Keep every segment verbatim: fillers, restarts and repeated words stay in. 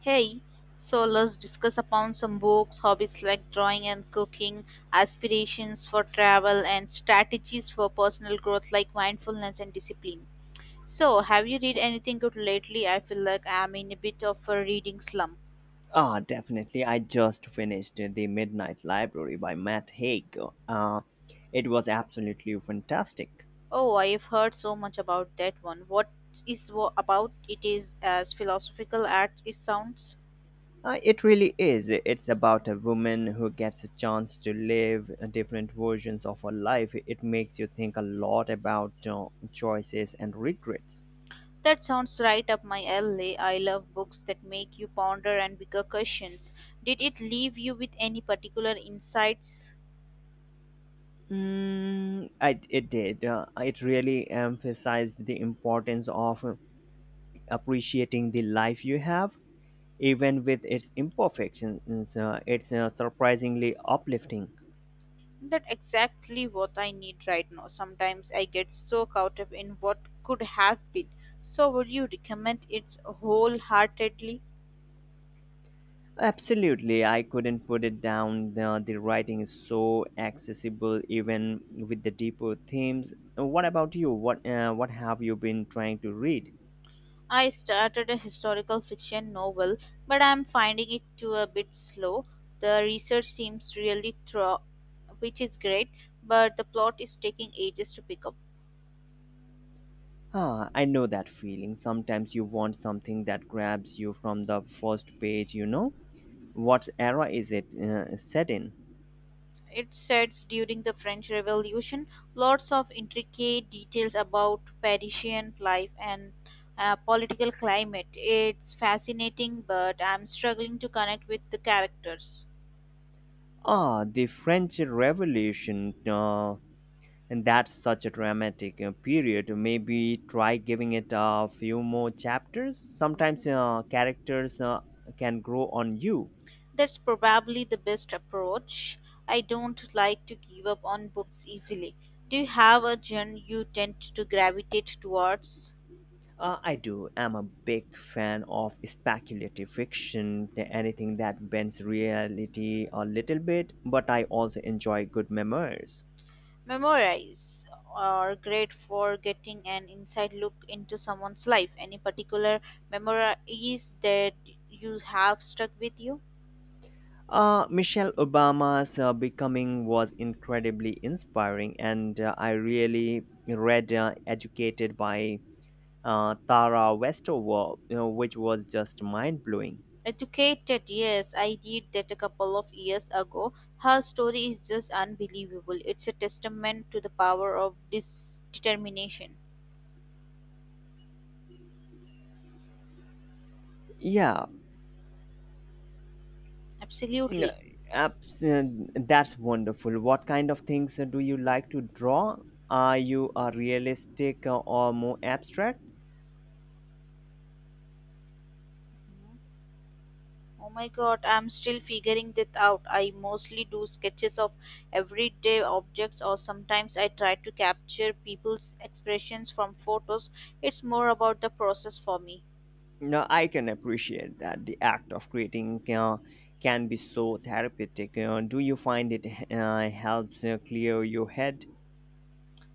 Hey, so let's discuss upon some books, hobbies like drawing and cooking, aspirations for travel, and strategies for personal growth like mindfulness and discipline. So, have you read anything good lately? I feel like I'm in a bit of a reading slump. Ah, definitely. I just finished The Midnight Library by Matt Haig. Uh, it was absolutely fantastic. Oh, I have heard so much about that one. What is wo- about it is as philosophical as it sounds? Uh, it really is. It's about a woman who gets a chance to live different versions of her life. It makes you think a lot about uh, choices and regrets. That sounds right up my alley. I love books that make you ponder and bigger questions. Did it leave you with any particular insights? Mm, I, it did. Uh, it really emphasized the importance of appreciating the life you have even with its imperfections. Uh, it's uh, surprisingly uplifting. That exactly what I need right now. Sometimes I get so caught up in what could have been. So would you recommend it wholeheartedly? Absolutely, I couldn't put it down. The, the writing is so accessible, even with the deeper themes. What about you? What uh, what have you been trying to read? I started a historical fiction novel, but I'm finding it to a bit slow. The research seems really thorough, which is great, but the plot is taking ages to pick up. Ah, I know that feeling. Sometimes you want something that grabs you from the first page. You know, what era is it uh, set in? It sets during the French Revolution, lots of intricate details about Parisian life and uh, political climate. It's fascinating, but I'm struggling to connect with the characters. Ah, the French Revolution. Uh, and that's such a dramatic uh, period. Maybe try giving it a few more chapters. Sometimes uh, characters uh, can grow on you. That's probably the best approach. I don't like to give up on books easily. Do you have a genre you tend to gravitate towards? uh, I do. I'm a big fan of speculative fiction, th- anything that bends reality a little bit, but I also enjoy good memoirs. Memoirs are great for getting an inside look into someone's life. Any particular memoirs that you have stuck with you? uh, Michelle Obama's uh, Becoming was incredibly inspiring, and uh, I really read uh, Educated by uh, Tara Westover, you know, which was just mind blowing. Educated, yes, I did that a couple of years ago. Her story is just unbelievable. It's a testament to the power of this determination. Yeah. n- Absolutely. abs- uh, that's wonderful. What kind of things uh, do you like to draw? Are you a realistic uh, or more abstract? Oh my god, I'm still figuring that out. I mostly do sketches of everyday objects, or sometimes I try to capture people's expressions from photos. It's more about the process for me. No, I can appreciate that. The act of creating uh, can be so therapeutic. Uh, do you find it uh, helps uh, clear your head?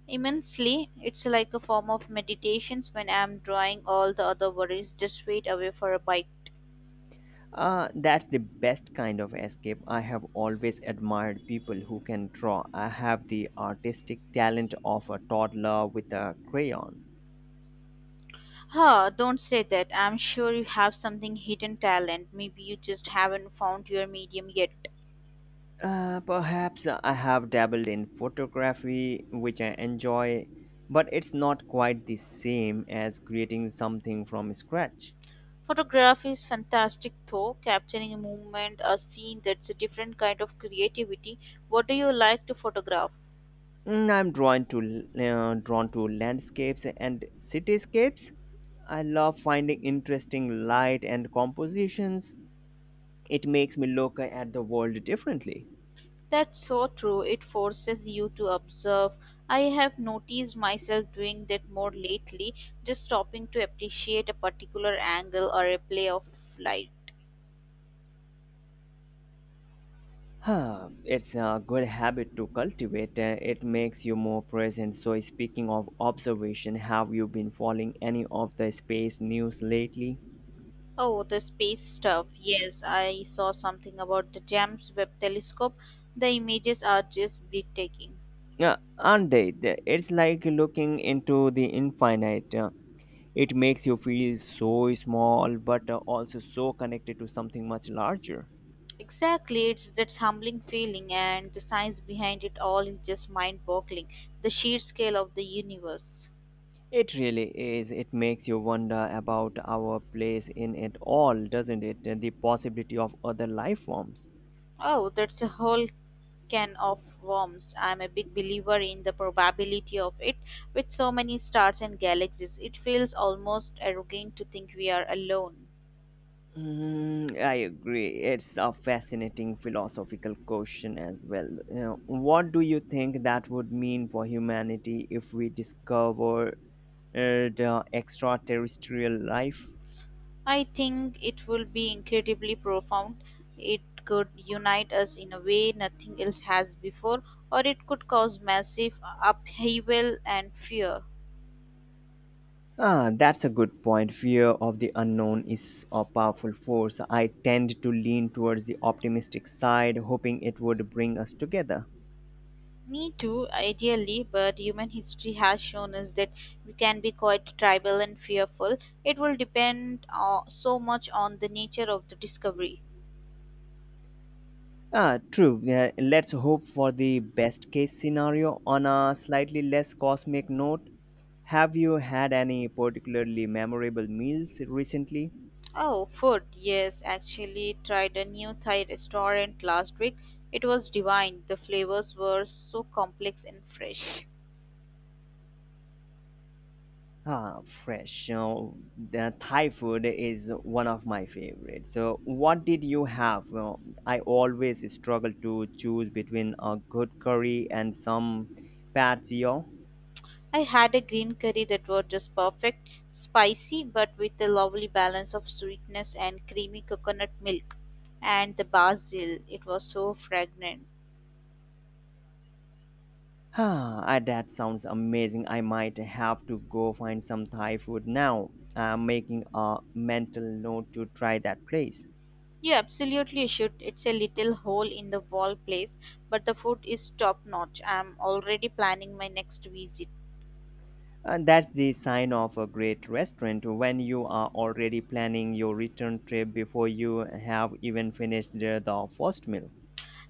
Immensely, it's like a form of meditations when I'm drawing all the other worries just wait away for a bite. Uh, that's the best kind of escape. I have always admired people who can draw. I have the artistic talent of a toddler with a crayon. Huh, don't say that. I'm sure you have something hidden talent. Maybe you just haven't found your medium yet. Uh, perhaps. I have dabbled in photography, which I enjoy, but it's not quite the same as creating something from scratch. Photography is fantastic though, capturing a movement, a scene that's a different kind of creativity. What do you like to photograph? Mm, I'm drawn to uh, drawn to landscapes and cityscapes. I love finding interesting light and compositions. It makes me look at the world differently. That's so true. It forces you to observe. I have noticed myself doing that more lately, just stopping to appreciate a particular angle or a play of light. Huh, it's a good habit to cultivate. uh, It makes you more present. So, speaking of observation, have you been following any of the space news lately? Oh, the space stuff. Yes, I saw something about the James Webb Telescope. The images are just breathtaking. Yeah, aren't they? The- It's like looking into the infinite. uh, It makes you feel so small, but uh, also so connected to something much larger. Exactly, it's that humbling feeling, and the science behind it all is just mind boggling. The sheer scale of the universe. It really is. It makes you wonder about our place in it all, doesn't it? And the possibility of other life forms. Oh, that's a whole can of worms. I'm a big believer in the probability of it. With so many stars and galaxies, it feels almost arrogant to think we are alone. Mm, I agree. It's a fascinating philosophical question as well. You know, what do you think that would mean for humanity if we discovered uh, the extraterrestrial life? I think it will be incredibly profound. It could unite us in a way nothing else has before, or it could cause massive upheaval and fear. Ah, that's a good point. Fear of the unknown is a powerful force. I tend to lean towards the optimistic side, hoping it would bring us together. Me too, ideally, but human history has shown us that we can be quite tribal and fearful. It will depend uh, so much on the nature of the discovery. Ah, true. Yeah, let's hope for the best case scenario. On a slightly less cosmic note, have you had any particularly memorable meals recently? Oh, food. Yes, actually tried a new Thai restaurant last week. It was divine. The flavors were so complex and fresh. Ah, fresh. So the Thai food is one of my favorites. So, what did you have? Well, I always struggle to choose between a good curry and some pad see ew. I had a green curry that was just perfect, spicy but with a lovely balance of sweetness and creamy coconut milk. And the basil, it was so fragrant. Ah, ah, that sounds amazing. I might have to go find some Thai food now. I'm making a mental note to try that place. You absolutely should. It's a little hole in the wall place, but the food is top notch. I'm already planning my next visit. And that's the sign of a great restaurant, when you are already planning your return trip before you have even finished the the first meal.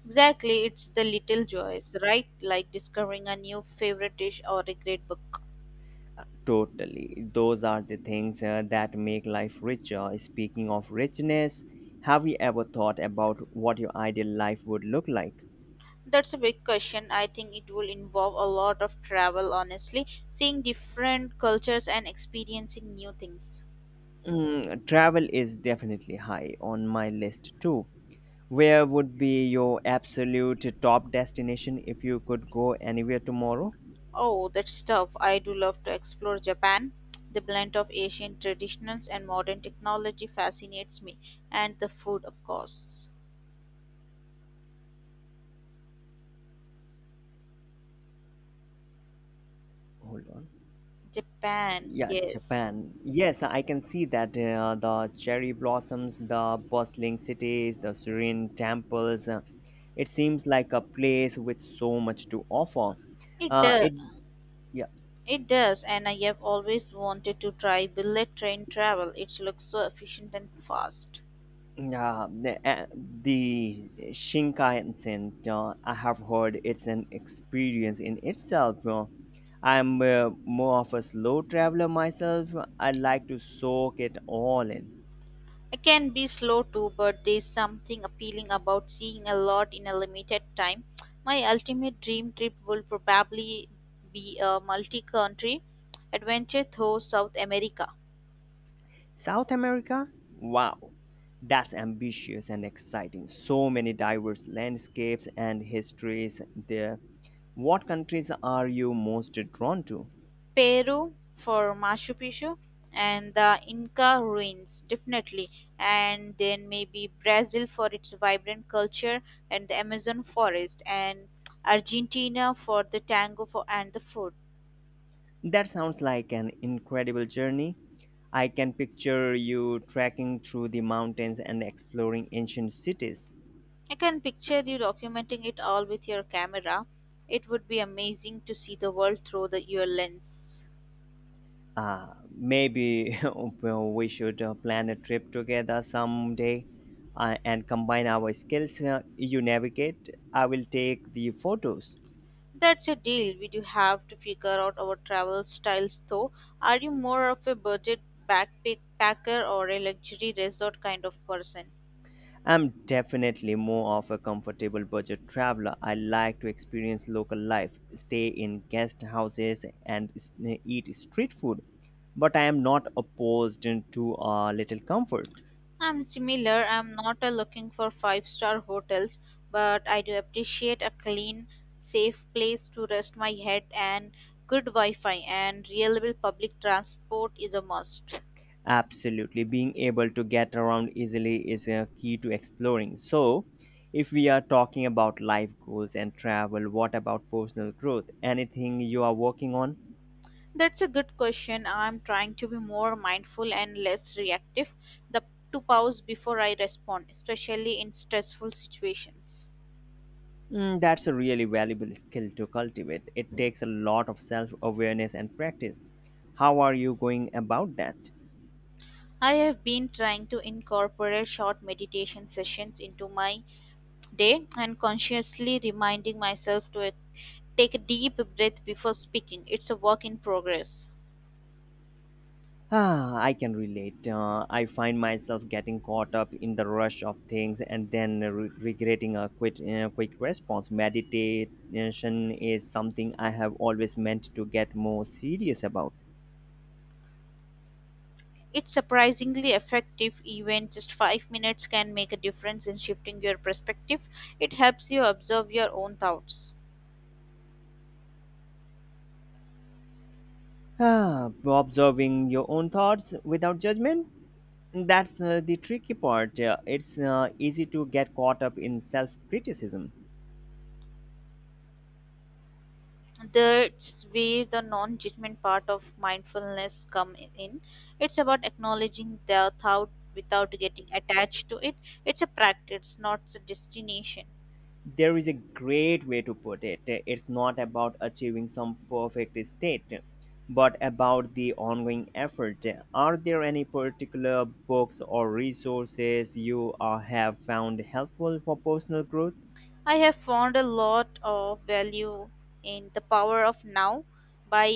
Exactly, it's the little joys, right? Like discovering a new favorite dish or a great book. Totally. Those are the things uh, that make life richer. Speaking of richness, have you ever thought about what your ideal life would look like? That's a big question. I think it will involve a lot of travel, honestly, seeing different cultures and experiencing new things. Mm, travel is definitely high on my list too. Where would be your absolute top destination if you could go anywhere tomorrow? Oh, that's tough. I do love to explore Japan. The blend of Asian traditions and modern technology fascinates me, and the food, of course. Hold on. Japan, Yeah, yes. Japan. Yes, I can see that. Uh, the cherry blossoms, the bustling cities, the serene temples. uh, it seems like a place with so much to offer. It Uh, does. it yeah. It does, and I have always wanted to try bullet train travel. It looks so efficient and fast. Uh, the, uh, the Shinkansen, uh, I have heard it's an experience in itself. uh, I'm uh, more of a slow traveler myself. I like to soak it all in. I can be slow too, but there's something appealing about seeing a lot in a limited time. My ultimate dream trip will probably be a multi country adventure through South America. South America? Wow, that's ambitious and exciting. So many diverse landscapes and histories there. What countries are you most drawn to? Peru for Machu Picchu and the Inca ruins, definitely. And then maybe Brazil for its vibrant culture and the Amazon forest, and Argentina for the tango for, and the food. That sounds like an incredible journey. I can picture you trekking through the mountains and exploring ancient cities. I can picture you documenting it all with your camera. It would be amazing to see the world through the, your lens. Uh, maybe. Well, we should uh, plan a trip together someday uh, and combine our skills. Uh, you navigate, I will take the photos. That's a deal. We do have to figure out our travel styles though. Are you more of a budget backpacker or a luxury resort kind of person? I'm definitely more of a comfortable budget traveler. I like to experience local life, stay in guest houses, and s- eh, eat street food. But I am not opposed to a little comfort. I'm similar. I'm not a looking for five star hotels, but I do appreciate a clean, safe place to rest my head and good Wi Fi and reliable public transport is a must. Absolutely, being able to get around easily is a key to exploring. So, if we are talking about life goals and travel, what about personal growth? Anything you are working on? That's a good question. I'm trying to be more mindful and less reactive. The to pause before I respond, especially in stressful situations. Mm, that's a really valuable skill to cultivate. It takes a lot of self awareness and practice. How are you going about that? I have been trying to incorporate short meditation sessions into my day and consciously reminding myself to take a deep breath before speaking. It's a work in progress. Ah, I can relate. Uh, I find myself getting caught up in the rush of things and then re- regretting a quick, uh, quick response. Meditation is something I have always meant to get more serious about. It's surprisingly effective, even just five minutes can make a difference in shifting your perspective. It helps you observe your own thoughts. Ah, observing your own thoughts without judgment, that's uh, the tricky part. Uh, it's uh, easy to get caught up in self criticism. That's where the non-judgment part of mindfulness come in. It's about acknowledging the thought without getting attached to it. It's a practice, not a destination. There is a great way to put it. It's not about achieving some perfect state, but about the ongoing effort. Are there any particular books or resources you uh, have found helpful for personal growth? I have found a lot of value in The Power of Now by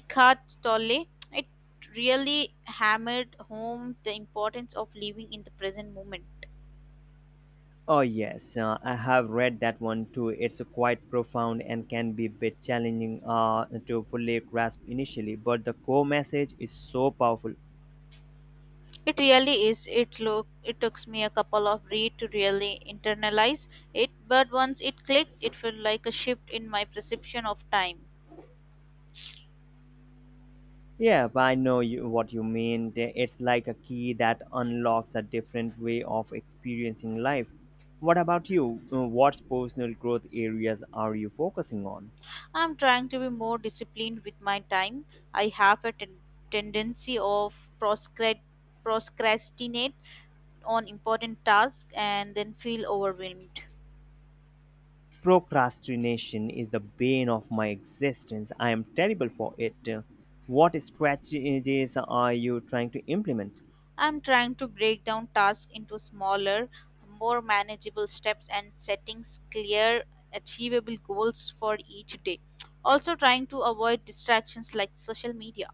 Eckhart Tolle. It really hammered home the importance of living in the present moment. Oh, yes, uh, I have read that one too. It's quite profound and can be a bit challenging uh, to fully grasp initially, but the core message is so powerful. It really is. It look it took me a couple of read to really internalize it, but once it clicked, it felt like a shift in my perception of time. Yeah, but I know you, what you mean. The- It's like a key that unlocks a different way of experiencing life. What about you? Uh, What personal growth areas are you focusing on? I'm trying to be more disciplined with my time. I have a ten- tendency of proscrat- procrastinate on important tasks and then feel overwhelmed. Procrastination is the bane of my existence. I am terrible for it. What strategies are you trying to implement? I'm trying to break down tasks into smaller, more manageable steps and setting clear, achievable goals for each day. Also, trying to avoid distractions like social media.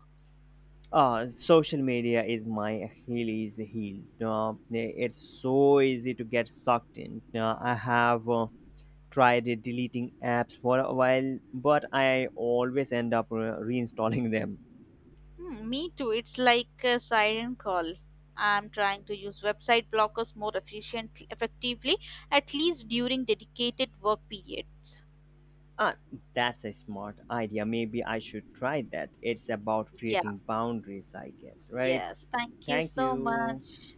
uh Social media is my Achilles heel. Uh, it's so easy to get sucked in. Uh, i have uh, tried uh, deleting apps for a while, but I always end up uh, reinstalling them. Hmm, me too, it's like a siren call. I'm trying to use website blockers more efficiently, effectively, at least during dedicated work periods. ah that's a smart idea. Maybe I should try that. It's about Yeah, creating boundaries, I guess, right? yes. Thank you Thank so you. much.